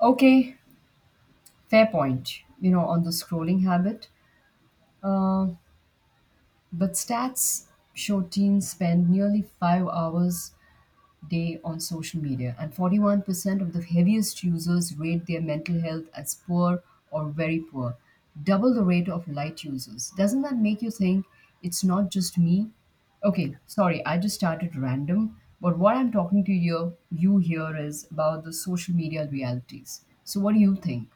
Okay, fair point. You know, on the scrolling habit. Uh, but stats show teens spend nearly 5 hours a day on social media, and 41% of the heaviest users rate their mental health as poor or very poor, double the rate of light users. Doesn't that make you think it's not just me? Okay, sorry, I just started random. But what I'm talking to you here is about the social media realities. So, what do you think?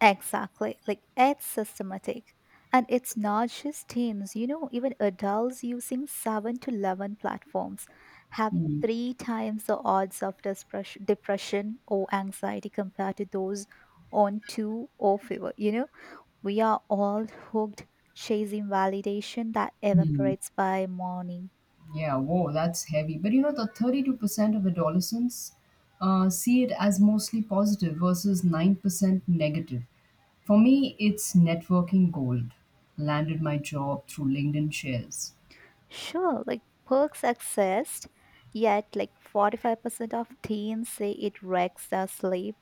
Exactly. Like it's systematic. And it's not just teens, you know, even adults using 7 to 11 platforms have Hmm. three times the odds of depression or anxiety compared to those on two or fewer. You know, we are all hooked chasing validation that Hmm. evaporates by morning. Yeah, whoa, that's heavy. But you know, the 32% of adolescents see it as mostly positive versus 9% negative. For me, it's networking gold. Landed my job through LinkedIn shares. Sure, like perks exist, yet like 45% of teens say it wrecks their sleep,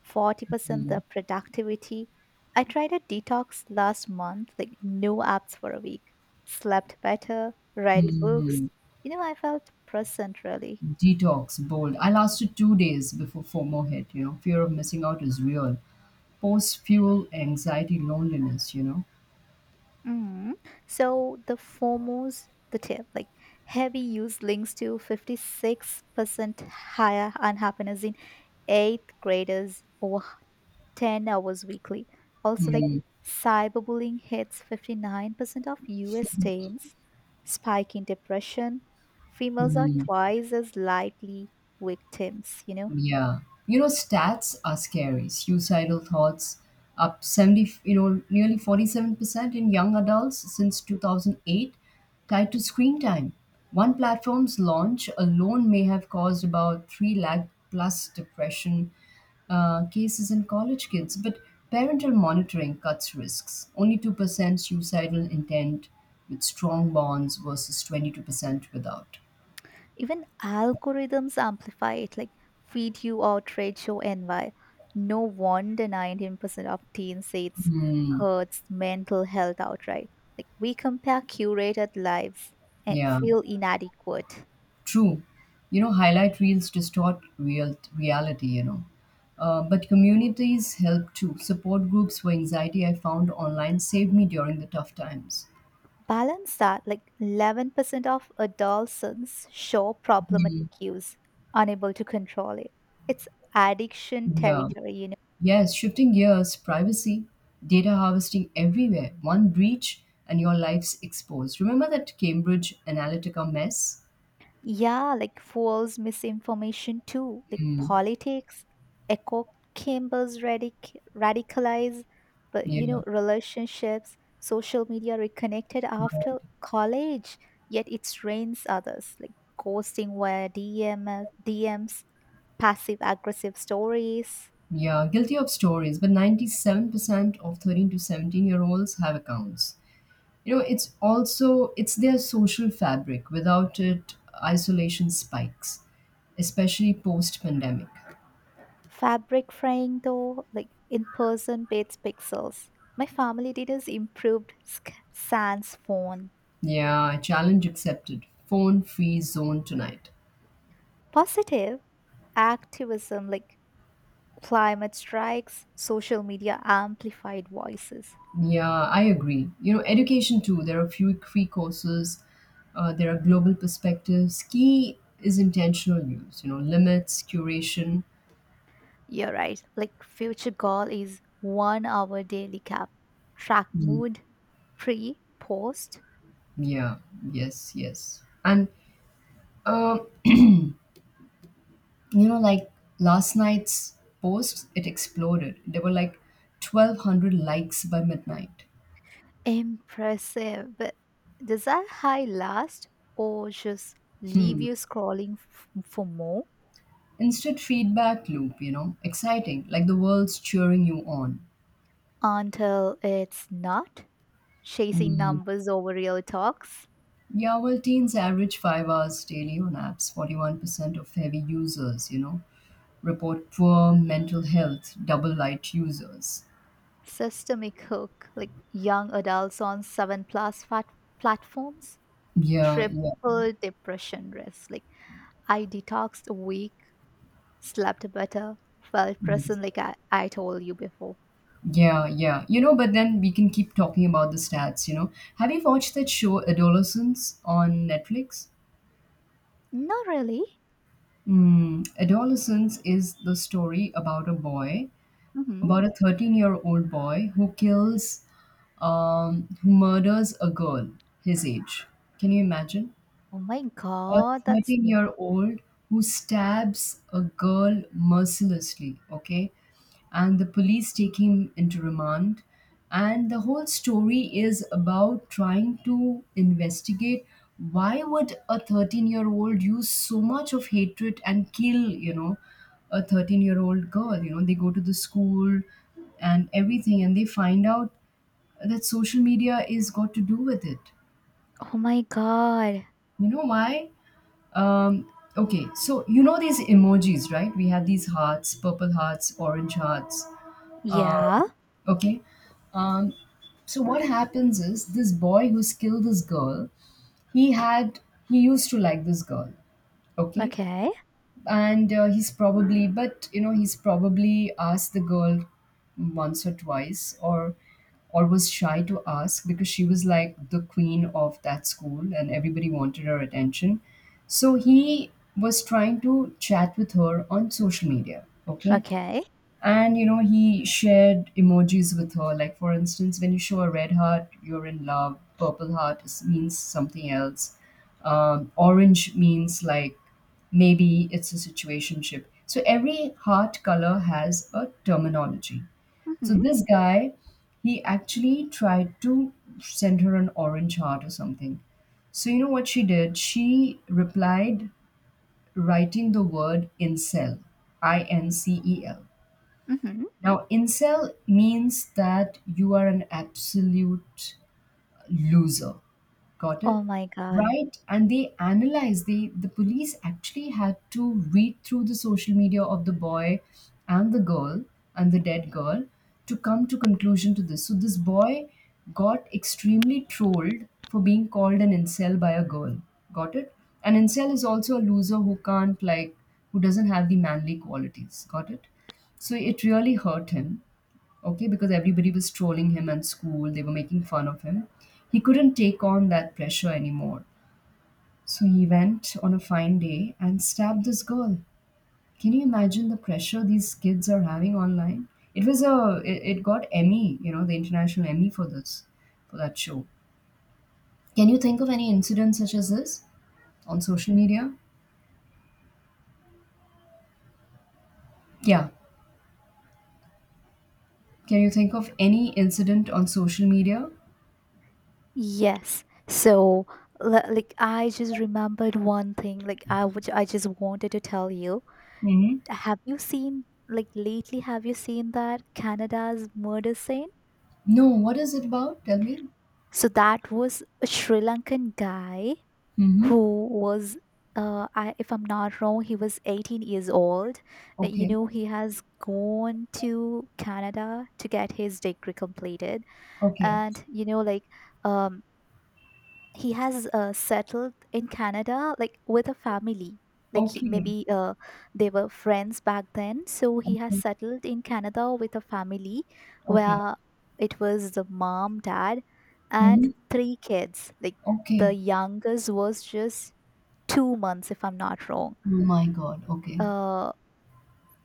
40% their productivity. I tried a detox last month, like no apps for a week. Slept better, read Hmm. books. You know, I felt present really. Detox, bold. I lasted 2 days before FOMO hit. You know, fear of missing out is real. Post fuel, anxiety, loneliness, you know. Mm. So the FOMOs, the tip, like heavy use links to 56% higher unhappiness in eighth graders over 10 hours weekly. Also, like cyberbullying hits 59% of US teens, spike in depression. Females are Hmm. twice as likely victims, you know. Yeah. You know, stats are scary. Suicidal thoughts up 70, you know, nearly 47% in young adults since 2008 tied to screen time. One platform's launch alone may have caused about 3 lakh plus depression cases in college kids, but parental monitoring cuts risks. Only 2% suicidal intent with strong bonds versus 22% without. Even algorithms amplify it, like feed you outrage, show envy. No wonder 19% of teens say it's Hmm. hurts mental health outright. Like we compare curated lives and Yeah. feel inadequate. True. You know, highlight reels distort real reality, you know. But communities help too. Support groups for anxiety I found online saved me during the tough times. Balance that like 11% of adolescents show problematic Mhm. use, unable to control it. It's addiction Yeah. territory, you know. Yes, shifting gears, privacy, data harvesting everywhere. One breach and your life's exposed. Remember that Cambridge Analytica mess? Yeah, like false misinformation too, like Mm. politics, echo chambers radicalize, but Yeah. you know, relationships, social media reconnected after college, yet it strains others, like ghosting via DMs, passive aggressive stories. Yeah, guilty of stories, but 97% of 13 to 17 year olds have accounts. You know, it's also, it's their social fabric. Without it, isolation spikes, especially post pandemic Fabric frying, though, like in person beats pixels. My family did details improved, sans phone. yeah, challenge accepted. Phone free zone tonight. Positive activism, like climate strikes, social media amplified voices. Yeah, I agree. You know, education too. There are few free courses. There are global perspectives. Key is intentional use, you know, limits, curation. You're right. Like future goal is 1 hour daily cap. Track Mm. mood, pre, post. Yeah. Yes, yes. And um you know, like, last night's post, it exploded. There were like 1,200 likes by midnight. Impressive. But does that high last or just leave Hmm. you scrolling for more? Instant feedback loop, you know. Exciting, like the world's cheering you on. Until it's not, chasing Hmm. numbers over real talks. Yeah, well, teens average 5 hours daily on apps. 41% of heavy users, you know, report poor mental health. Double light users. Systemic hook, like young adults on seven plus fat platforms, Yeah, yeah. triple depression risk. Like I detoxed a week, slept better, felt present, like I told you before. Yeah, yeah. You know, but then we can keep talking about the stats, you know. Have you watched that show Adolescence on Netflix? Not really. Mm, Adolescence is the story about a boy, Hmm. about a 13-year-old boy who murders a girl his age. Can you imagine? Oh my A God, that's— 13-year-old who stabs a girl mercilessly, okay? And the police take him into remand. And the whole story is about trying to investigate why would a 13-year-old use so much of hatred and kill, you know, a 13-year-old girl? You know, they go to the school and everything, and they find out that social media is got to do with it. Oh my God. You know why? Um, okay, so you know these emojis, right? We had these hearts, purple hearts, orange hearts. Uh, Yeah. okay. Um, so what happens is this boy who's killed this girl, he had he used to like this girl. Okay. Okay, And he's probably, but you know, he's probably asked the girl once or twice or was shy to ask, because she was like the queen of that school and everybody wanted her attention. So he was trying to chat with her on social media, okay. okay. And you know, he shared emojis with her. Like, for instance, when you show a red heart, you're in love. Purple heart means something else. Orange means like maybe it's a situationship. So every heart color has a terminology. So Mm-hmm, this guy, he actually tried to send her an orange heart or something. So you know what she did? She replied writing the word incel, I N C E L. mm-hmm. Now, incel means that you are an absolute loser. Got Oh it? my God. Right? And they analyzed, the police actually had to read through the social media of the boy and the girl and the dead girl to come to conclusion to this. So this boy got extremely trolled for being called an incel by a girl. Got it? An incel is also a loser who can't, like, who doesn't have the manly qualities. Got it? So it really hurt him, okay, because everybody was trolling him at school. They were making fun of him. He couldn't take on that pressure anymore. So he went on a fine day and stabbed this girl. Can you imagine the pressure these kids are having online? It was a it got Emmy, you know, the international Emmy for this, for that show. Can you think of any incident such as this on social media? Yeah. Can you think of any incident on social media? Yes. So, like, I just remembered one thing, like, I which I just wanted to tell you. Hmm. Have you seen, like, lately, have you seen that Canada's murder scene? No, what is it about? Tell me. So that was a Sri Lankan guy Hmm. who was, if I'm not wrong, he was 18 years old. You Okay. know, he has gone to Canada to get his degree completed, Okay. and you know, like. Um, he has settled in Canada like with a family. Like Okay, maybe they were friends back then, so he has okay, settled in Canada with a family okay. where it was the mom, dad, and Mhm. three kids. Like the Okay. youngest was just 2 months, if I'm not wrong. Oh my God, okay. Uh,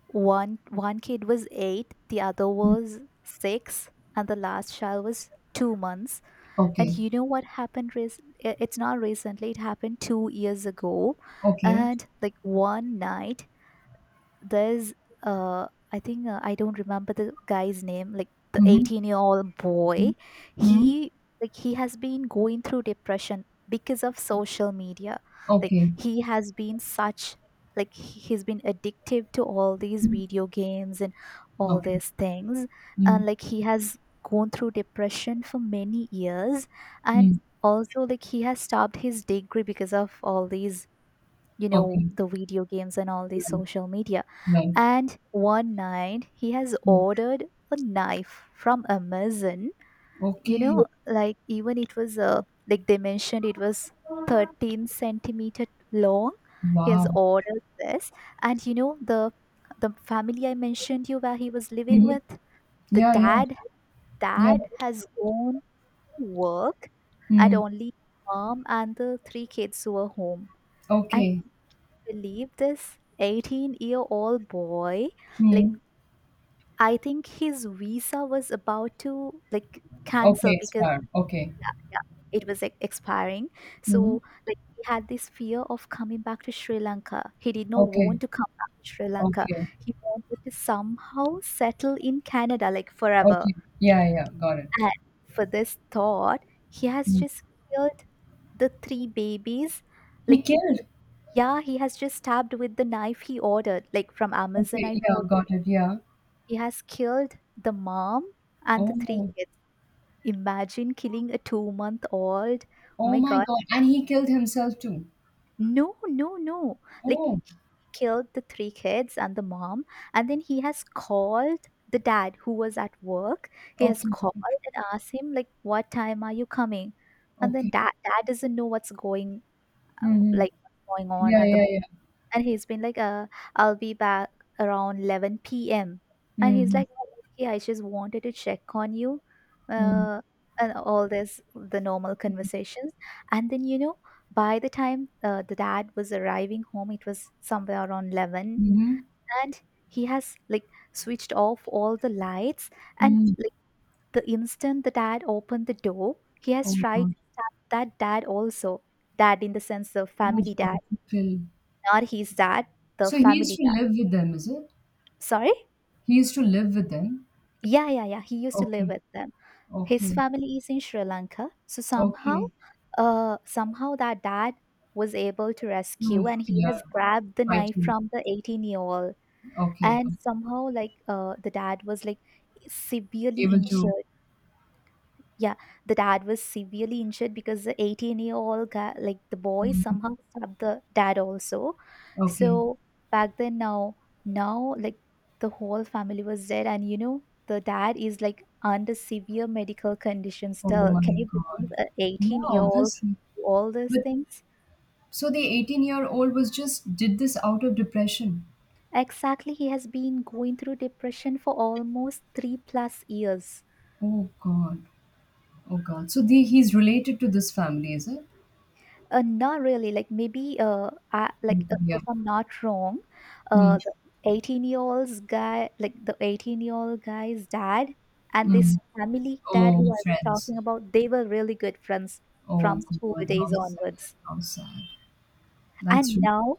one kid was eight, the other Mm. was six, and the last child was 2 months. Okay, And you know what happened? It's not recently, it happened 2 years ago. okay. And like one night, there's uh I think, I don't remember the guy's name, like the Mhm, 18-year-old boy mm, hmm. he he has been going through depression because of social media. Like Okay, he has been such, like he's been addictive to all these mm, video games and all okay, these things. mm, And like he has gone through depression for many years, and mm, also like he has stopped his degree because of all these, you know, okay. the video games and all the Right, social media. right. And one night he has Mm. ordered a knife from Amazon. You Okay. know, like even it was like they mentioned, it was 13 centimeter long. He has Wow. ordered this, and you know the family I mentioned you where he was living Mhm. with, the Yeah, yeah, dad yeah. dad has gone to work, and Mm. only mom and the three kids were home. And Okay. believe this 18-year-old boy, like Mm. I think his visa was about to like Okay, cancel because— expired. Okay. yeah, yeah, it was like expiring, Mhm. so like he had this fear of coming back to Sri Lanka. He did not Okay, want to come back to Sri Lanka. okay, He wanted to somehow settle in Canada like forever. okay. Yeah, yeah, got it. And for this thought, he has Mm. just killed the three babies. He Like, killed. yeah, he has just stabbed with the knife he ordered, like from Amazon. Okay, I yeah, told you, got it. Yeah. he has killed the mom and the three Oh. kids. Imagine killing a 2-month-old. Oh Oh my my God. God. And he killed himself too. No, no, no. Like Oh, he killed the three kids and the mom, and then he has called the dad who was at work. He has okay, called okay, and asked him like, "What time are you coming?" And then okay. dad doesn't know Mm-hmm. What's going on Yeah, at the, yeah, yeah. and he's been like, "I'll be back around 11 p.m." And he's Mm-hmm. like, "Oh, okay, I just wanted to check on you," uh and all this the normal conversations. And then, you know, by the time the dad was arriving home, it was somewhere around 11, Mm-hmm. and he has like switched off all the lights, and Mm-hmm. like the instant the dad opened the door, he has Oh tried God. that dad also— dad in the sense of Oh family dad, God. Kill. not his dad, the So he used family. to live with them, is it? Sorry? He used to live with them. Yeah, yeah, yeah. He used to live Okay. with them. His Okay. family is in Sri Lanka. So Okay. Somehow that dad was able to rescue, Oof. and he Yeah. has grabbed the knife Fighting. from the 18-year-old. Okay. And somehow, like, the dad was like severely Able to. injured. Yeah, the dad was severely injured because the 18-year-old guy, like the boy, Mhm. somehow stabbed the dad also. Okay. So back then, now, like the whole family was dead, and you know, the dad is like under severe medical condition Oh still. Can my you believe God. a Yeah, 18-year-old obviously. do all these But things? so the 18-year-old was just did this out of depression. Exactly, he has been going through depression for almost three plus years. Oh God. Oh God. So the he's related to this family, is it? Not really. Like maybe, I, Mm. like Yeah. if I'm not wrong, Hmm. The 18-year old's guy, like the 18-year-old guy's dad and this Hmm. family dad who Oh, I was friends. talking about, they were really good friends from Oh school God, days how sad. onwards. How sad. That's And really. now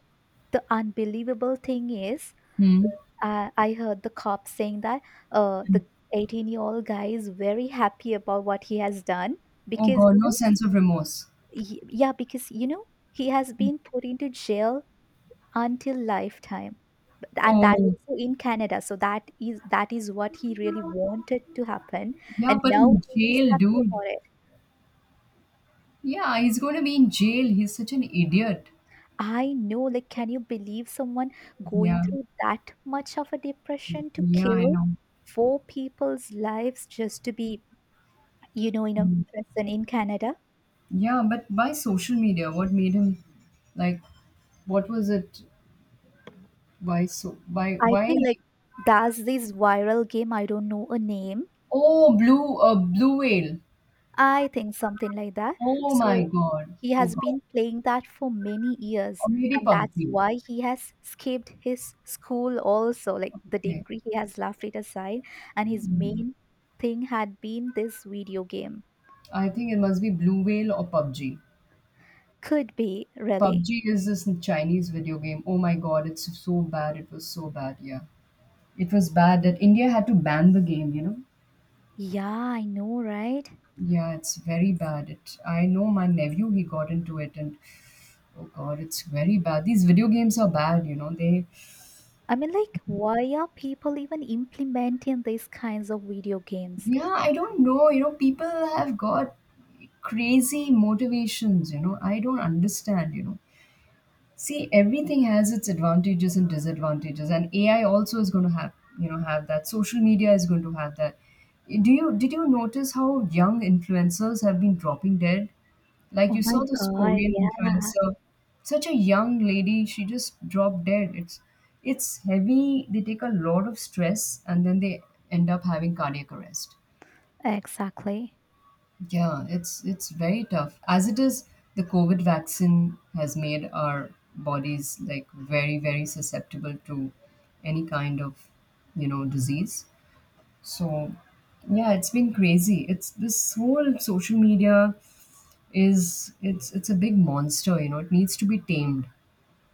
the unbelievable thing is, Hmm. I heard the cop saying that the 18-year-old guy is very happy about what he has done, Oh because God, you no know, sense of remorse. Yeah, because you know, he has been put into jail until lifetime, and that Oh, also in Canada. So that is what he really wanted to happen. yeah, And but now in he is jail, happy dude. about it. Yeah, he's gonna be in jail. He's such an idiot. I know, like can you believe someone going Yeah. through that much of a depression to Yeah, I kill know. four people's lives just to be, you know, in a Mm. prison in Canada? Yeah, but by social media, what made him, like, what was it? Why so I why think like, does this viral game— I don't know a name. Oh, blue whale. I think something like that. Oh my So God. he Oh has God. been playing that for many Or years, maybe and that's PUBG. why he has skipped his school also. Like the Okay. degree, he has left it aside, and his Mm. main thing had been this video game. I think it must be blue whale or PUBG. Could be, really. PUBG is this Chinese video game. Oh my God, it's so bad. It was so bad. Yeah. It was bad that India had to ban the game, you know? Yeah, I know, right? Yeah, it's very bad. I know my nephew, he got into it, and oh God, it's very bad. These video games are bad, you know. They I mean, like, why are people even implementing these kinds of video games? Yeah, I don't know. You know, people have got crazy motivations, you know. I don't understand, you know. See, everything has its advantages and disadvantages, and AI also is going to have that. Social media is going to have that. Do you did you notice how young influencers have been dropping dead? Like Oh you my saw this God, Korean yeah, influencer, such a young lady, she just dropped dead. It's heavy. They take a lot of stress and then they end up having cardiac arrest. exactly. Yeah, it's very tough. As it is, the COVID vaccine has made our bodies like very, very susceptible to any kind of, you know, disease. So yeah, it's been crazy. It's this whole social media is it's a big monster, you know. It needs to be tamed.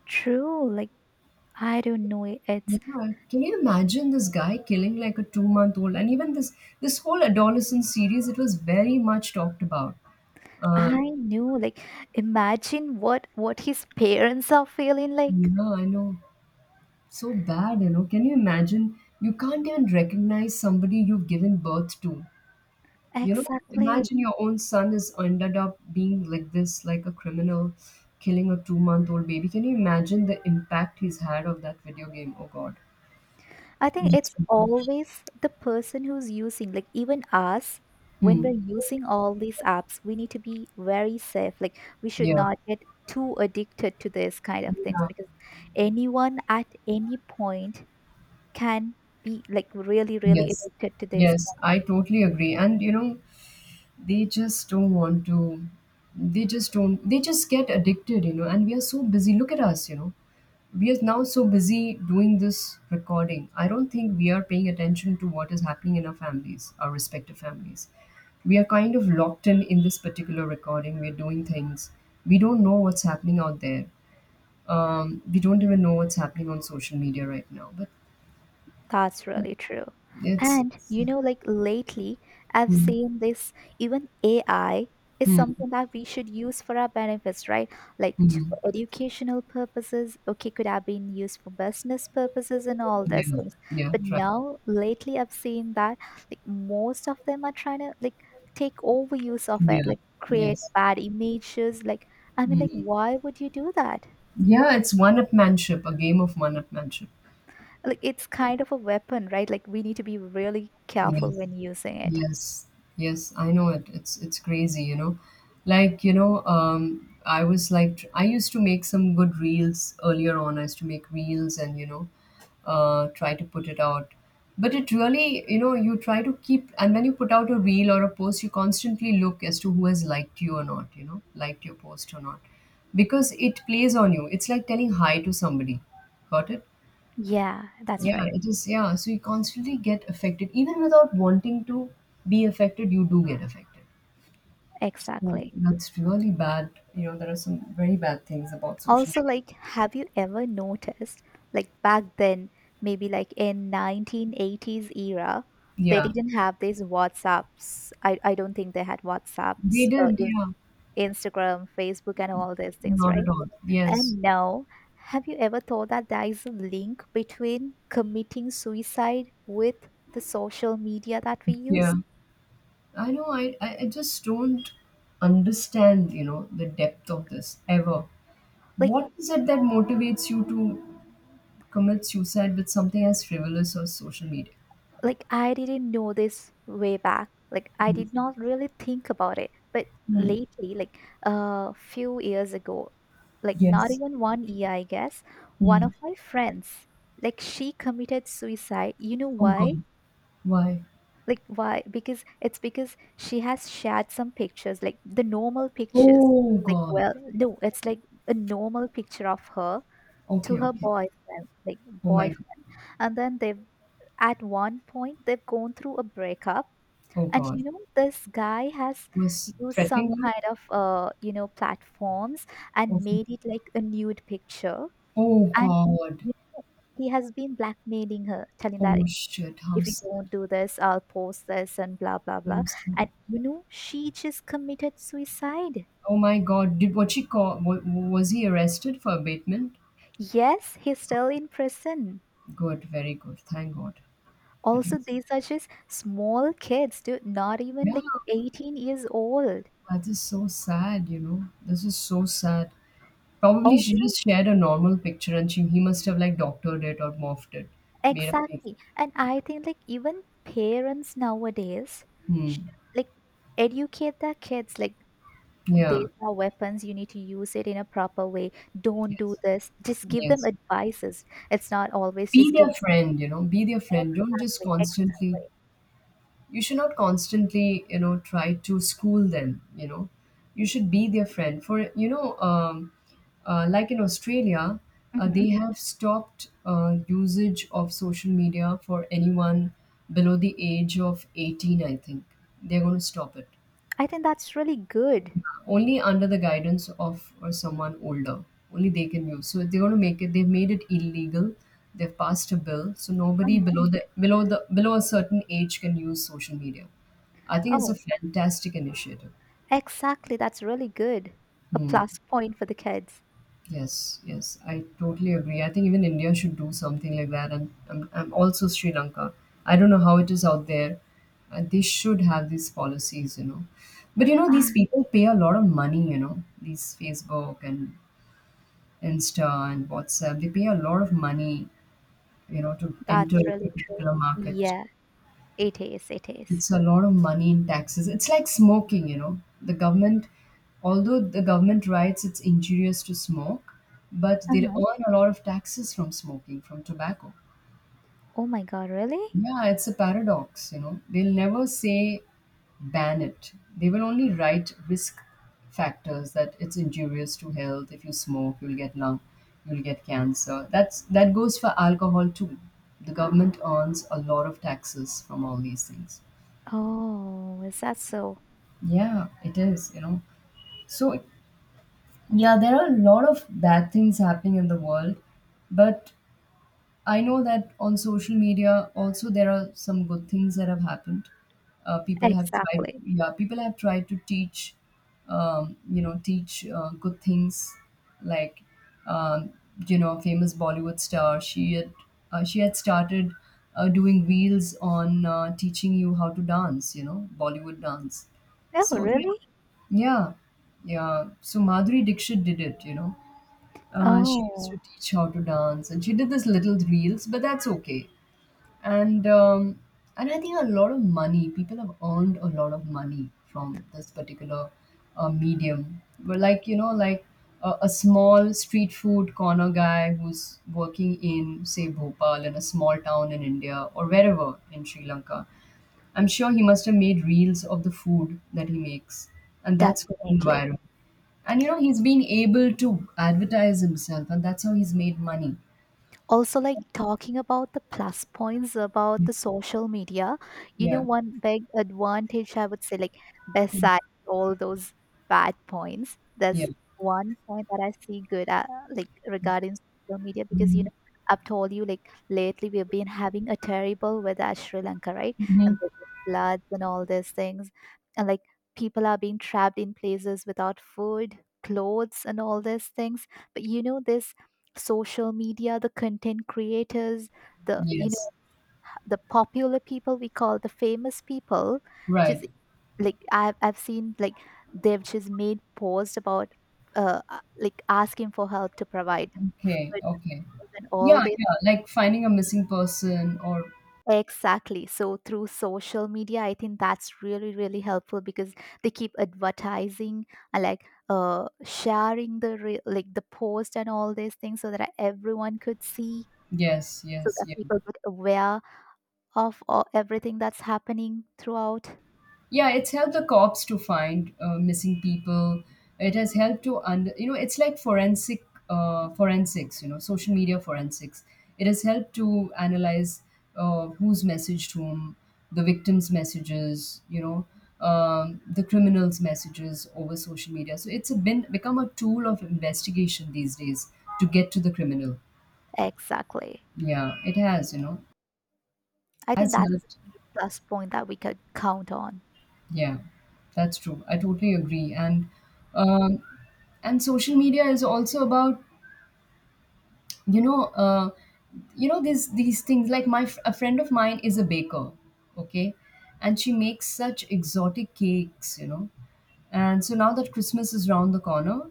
True, like, I don't know. It's— Yeah, can you imagine this guy killing like a 2-month old? And even this whole adolescent series, it was very much talked about. I Um, knew, like, imagine what his parents are feeling like. yeah, I know. So bad, you know. Can you imagine? You can't even recognize somebody you've given birth to, you know. Exactly. Imagine your own son is ended up being like this, like a criminal, killing a 2-month old baby. Can you imagine the impact he's had of that video game? Oh God. I think Yes. it's always the person who's using, like, even us, when Hmm. we're using all these apps, we need to be very safe. Like, we should Yeah. not get too addicted to this kind of things, Yeah. because anyone at any point can be like really, really Yes. addicted to this. Yes, I totally agree. And you know, they just don't want to. They just don't. They just get addicted, you know. And we are so busy. Look at us, you know. We are now so busy doing this recording. I don't think we are paying attention to what is happening in our families, our respective families. We are kind of locked in this particular recording. We're doing things. We don't know what's happening out there. We don't even know what's happening on social media right now. But That's really true. it's, And it's you know, like lately, I've mm, seen this. Even AI is mm, something that we should use for our benefits, right? Like mm. for educational purposes, okay, could have been used for business purposes and all those Yeah, things. yeah, But try, now, lately, I've seen that like most of them are trying to like take over use of it, yeah, like create yes, bad images. Like, I mean, like, mm. why would you do that? Yeah. It's one upmanship, a game of one upmanship. Like it's kind of a weapon, right? Like we need to be really careful Yes. when using it. Yes, yes, I know it. It's crazy, you know. Like, you know, I was like, I used to make some good reels earlier on. I used to make reels and, you know, try to put it out. But it really, you know, you try to keep, and when you put out a reel or a post, you constantly look as to who has liked you or not, you know, liked your post or not, because it plays on you. It's like telling hi to somebody. Got it? Yeah, that's Yeah, right. it is. Yeah, so you constantly get affected, even without wanting to be affected, you do get affected. Yeah. Exactly. That's really bad. You know, there are some very bad things about social Also, media. like, have you ever noticed, like, back then, maybe like in 1980s era, they Yeah, didn't have these WhatsApps. I don't think they had they WhatsApps, did. Yeah, Instagram, Facebook, and all these things, not at right? all. Yes. And now, have you ever thought that there is a link between committing suicide with the social media that we use? Yeah, I know. I just don't understand, you know, the depth of this ever. Like, What is it that motivates you to commit suicide with something as frivolous as social media? like, I didn't know this way back. Like I Hmm. did not really think about it. But Hmm. lately, like a few years ago, like not Yes. even one year, I guess, one Hmm. of my friends, like she committed suicide. You know Oh, why? God. Why? Like why? Because it's because she has shared some pictures, like the normal pictures. Oh Like God. well, no, it's like a normal picture of her to Okay, her okay. boyfriend, like Oh my God. boyfriend, and then they've at one point they've gone through a breakup. Oh And you God. know, this guy has Was used threatening some her? kind of, you know, platforms, and Okay. made it like a nude picture. Oh And God. y- he has been blackmailing her, telling that Oh shit. How if you sad. don't do this, I'll post this and blah blah blah. How sad. And you know, she just committed suicide. Oh my God. Did what she call? Was he arrested for abatement? Yes, he's still in prison. Good. Very good. Thank God. At Also, least. these are just small kids, dude, not Yeah. even like 18 years old. That is so sad. You know. This is so sad. Probably she Also, just shared a normal picture and she he must have like doctored it or morphed it, made a fake. exactly. And I think like even parents nowadays should, Hmm. like, educate their kids like these Yeah. are weapons, you need to use it in a proper way. Don't do Yes. this. Just give them Yes. advices. It's not always Be just give their friend, you know, be their friend, don't just exactly, constantly, exactly. you should not constantly, you know, try to school them, you know, you should be their friend for, you know, like in Australia, Hmm. they have stopped usage of social media for anyone below the age of 18, I think. They're going to stop it, I think that's really good. only under the guidance of or someone older, only they can use. So they're going to make it, they've made it illegal. They've passed a bill, so nobody Mhm. below the below a certain age can use social media. I think it's Oh, a fantastic initiative. exactly. That's really good. A Hmm. plus point for the kids. Yes, yes, I totally agree. I think even India should do something like that. And I'm, also Sri Lanka, I don't know how it is out there, and they should have these policies, you know. But you know, these Ah, people pay a lot of money, you know, these Facebook and Insta and WhatsApp, they pay a lot of money, you know, to that's enter a really true. particular market. Yeah, it is. It's a lot of money in taxes. It's like smoking, you know. The government, although the government writes it's injurious to smoke, but they Uh-huh. earn a lot of taxes from smoking, from tobacco. Oh my God, really? Yeah, it's a paradox, you know. They'll never say ban it. They will only write risk factors that it's injurious to health. If you smoke, you'll get lung, you'll get cancer. That's that goes for alcohol too. The government earns a lot of taxes from all these things. Oh, is that so? Yeah, it is, you know. So, yeah, there are a lot of bad things happening in the world, but I know that on social media also there are some good things that have happened. People have tried, Exactly. yeah, people have tried to teach, you know, teach good things like, um, you know, a famous Bollywood star. She had started doing reels on teaching you how to dance, you know, Bollywood dance. Oh, So yeah, really? yeah, yeah. So Madhuri Dixit did it, you know. She used to Oh, teach how to dance, and she did this little reels, but that's okay. And um, and I think a lot of money. People have earned a lot of money from this particular medium. But like you know, like a small street food corner guy who's working in, say, Bhopal, in a small town in India or wherever in Sri Lanka. I'm sure he must have made reels of the food that he makes, and that's definitely. environment. And you know, he's been able to advertise himself, and that's how he's made money. So, Also, like, talking about the plus points about the social media, you know, yeah. one big advantage I would say, like, Mhm. besides all those bad points, Yeah. there's one point that I see good at, like, regarding social media. Because you know, I've told you, like, lately we've been having a terrible weather at Sri Lanka, right? Hmm. And the floods and all these things, and like people are being trapped in places without food, clothes, and all these things. But you know, this social media, the content creators, the, you know, Yes. the popular people, we call the famous people, Right. just like I've seen like they've just made posts about like asking for help to provide Okay. food Okay. and all Yeah. this. Yeah. Like finding a missing person, or Exactly. So through social media, I think that's really, really helpful, because they keep advertising and like, uh, sharing the like the post and all these things, so that everyone could see, yes, so yes, that yes. people get aware of everything that's happening throughout. Yeah, it's helped the cops to find missing people. It has helped to under, you know, it's like forensic forensics, you know, social media forensics. It has helped to analyze who's messaged whom, the victim's messages, you know, the criminal's messages over social media. So it's been become a tool of investigation these days to get to the criminal. Exactly. Yeah, it has, you know, I think has that's helped. the plus point that we could count on. Yeah, that's true. I totally agree. Um, and social media is also about, you know, you know, these things like a friend of mine is a baker, okay, and she makes such exotic cakes, you know. And so now that Christmas is round the corner,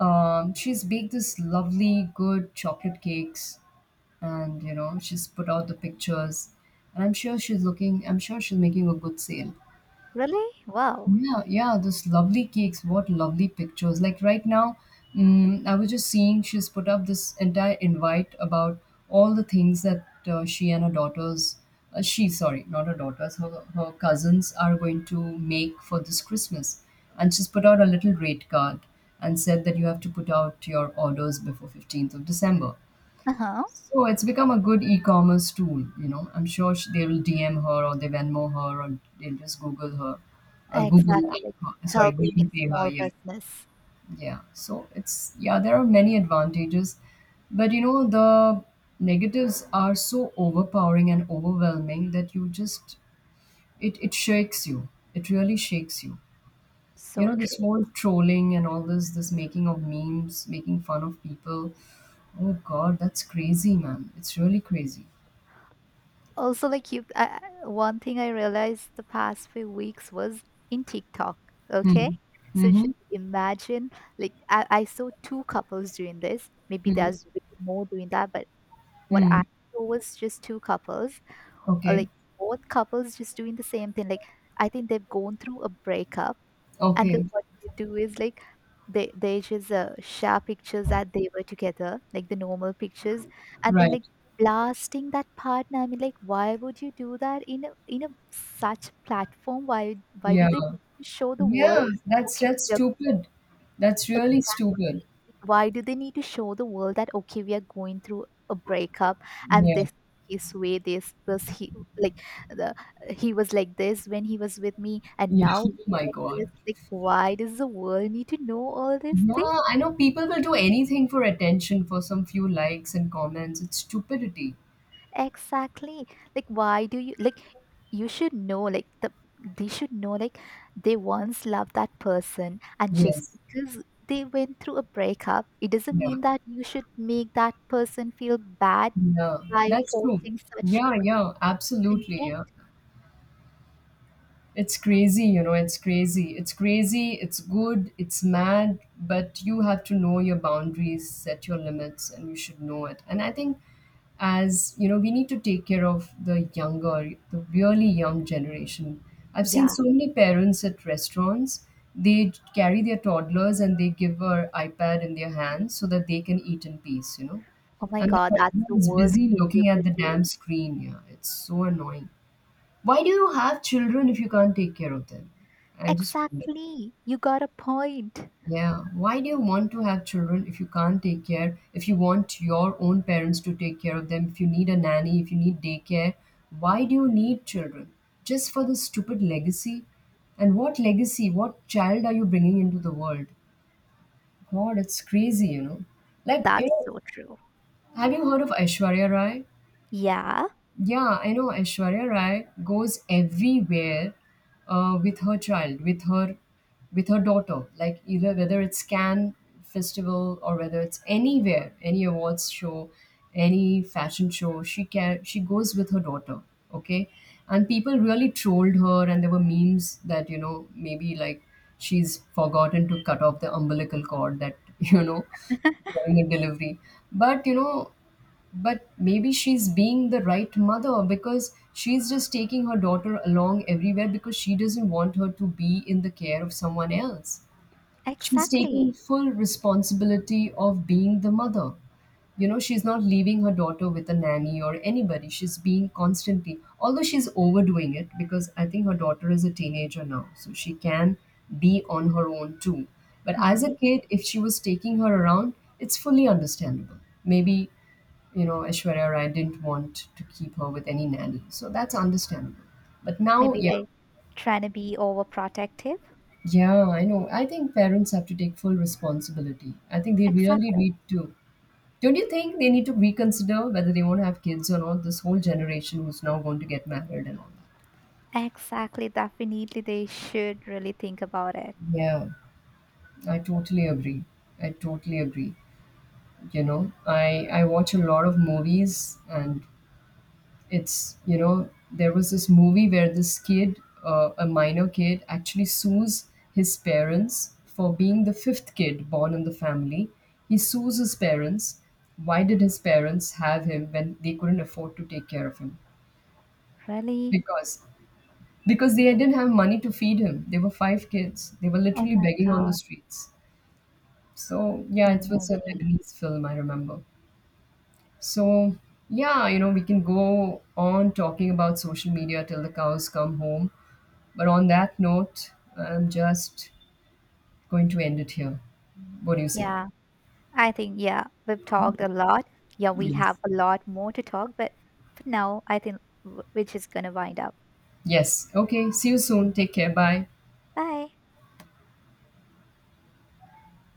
she's baked this lovely good chocolate cakes, and you know she's put out the pictures, and I'm sure she's looking. I'm sure she's making a good sale. Really? Wow. Yeah, yeah, those lovely cakes. What lovely pictures. Like right now, I was just seeing she's put up this entire invite about all the things that she and her daughters, she, sorry, not her daughters, her, her cousins are going to make for this Christmas. And she's put out a little rate card and said that you have to put out your orders before 15th of December. Uh huh. So it's become a good e-commerce tool, you know. I'm sure sh they'll DM her, or they Venmo her, or they'll just Google her, Google, Exactly. Like sorry, helping Google in Pay her. small Yeah, business. yeah. So it's, yeah, there are many advantages, but you know the negatives are so overpowering and overwhelming that you just, it shakes you. It really shakes you. You So know this true. whole trolling and all this, this making of memes, making fun of people. Oh God, that's crazy, man. It's really crazy. Also, one thing I realized the past few weeks was in TikTok. Okay. Hmm. So sh- Mhm. Imagine, like, I saw two couples doing this. Maybe Hmm. there's way more doing that, but what Hmm. I saw was just two couples Okay. like both couples just doing the same thing. Like I think they've gone through a breakup, and then Okay. what they do is like they just share pictures that they were together, like the normal pictures, and then Right. like blasting that partner. I mean, like why would you do that in a such platform? Why Yeah. do they show the world? Yeah. That's Okay, that's we're stupid. That's really like, stupid. why do they need to show the world that okay, we are going through a breakup, and Yeah. this his way this was he, like, the he was like this when he was with me and Yeah. now Oh he's my like this, God. like why does the world need to know all this thing? Yeah. I know people will do anything for attention, for some few likes and comments. It's stupidity. Exactly. Like, why do you, like, you should know, like, the, they should know, like, they once loved that person, and just Yes. because they went through a breakup, it doesn't Yeah. mean that you should make that person feel bad Yeah. by That's true. posting such Yeah. Yeah. Absolutely. content. Yeah. It's crazy, you know, it's crazy. It's crazy, it's good, it's mad, but you have to know your boundaries, set your limits, and you should know it. And I think, as you know, we need to take care of the younger, the really young generation. I've seen Yeah. so many parents at restaurants, they carry their toddlers and they give her iPad in their hands so that they can eat in peace, you know. Oh my And the God, that's toddler the is worst busy thing you looking at could the do. damn screen, yeah. It's so annoying. Why do you have children if you can't take care of them? I just wonder. Exactly. You got a point. Yeah. Why do you want to have children if you can't take care? If you want your own parents to take care of them, if you need a nanny, if you need daycare, why do you need children? Just for this stupid legacy? And what legacy, what child are you bringing into the world? God, it's crazy, you know. Like, you That's know, so true. have you heard of Aishwarya Rai? Yeah, Yeah, I know Aishwarya Rai goes everywhere with her child, with her, with her daughter. Like either whether it's Cannes festival or whether it's anywhere, any awards show, any fashion show, she can she goes with her daughter. Okay, and people really trolled her, and there were memes that you know maybe like she's forgotten to cut off the umbilical cord that you know during the delivery. But you know, but maybe she's being the right mother because she's just taking her daughter along everywhere because she doesn't want her to be in the care of someone else. She's taking exactly. full responsibility of being the mother. You know, she's not leaving her daughter with a nanny or anybody. She's being constantly, although she's overdoing it because I think her daughter is a teenager now, so she can be on her own too. But as a Hmm. kid, if she was taking her around, it's fully understandable. Maybe, you know, Aishwarya Rai didn't want to keep her with any nanny, so that's understandable. But now, Maybe yeah, like trying to be overprotective. yeah, I know. I think parents have to take full responsibility. I think they really Exactly. need to. Don't you think they need to reconsider whether they want to have kids or not? This whole generation who's now going to get married and all that. Exactly. Definitely, they should really think about it. Yeah, I totally agree. I totally agree. You know, I watch a lot of movies, and it's, you know, there was this movie where this kid, a minor kid, actually sues his parents for being the fifth kid born in the family. He sues his parents. Why did his parents have him when they couldn't afford to take care of him? Really? because because they didn't have money to feed him, they were five kids, they were Oh literally my begging on the God. streets. So yeah, it No was a way. Lebanese film, I remember. So yeah, you know, we can go on talking about social media till the cows come home. But on that note, I'm just going to end it here. What do you say? Yeah. I think, yeah, we've talked Okay. a lot. Yeah, we have Yes. a lot more to talk, but for now, I think we're just going to wind up. Yes. Okay. See you soon. Take care. Bye. Bye.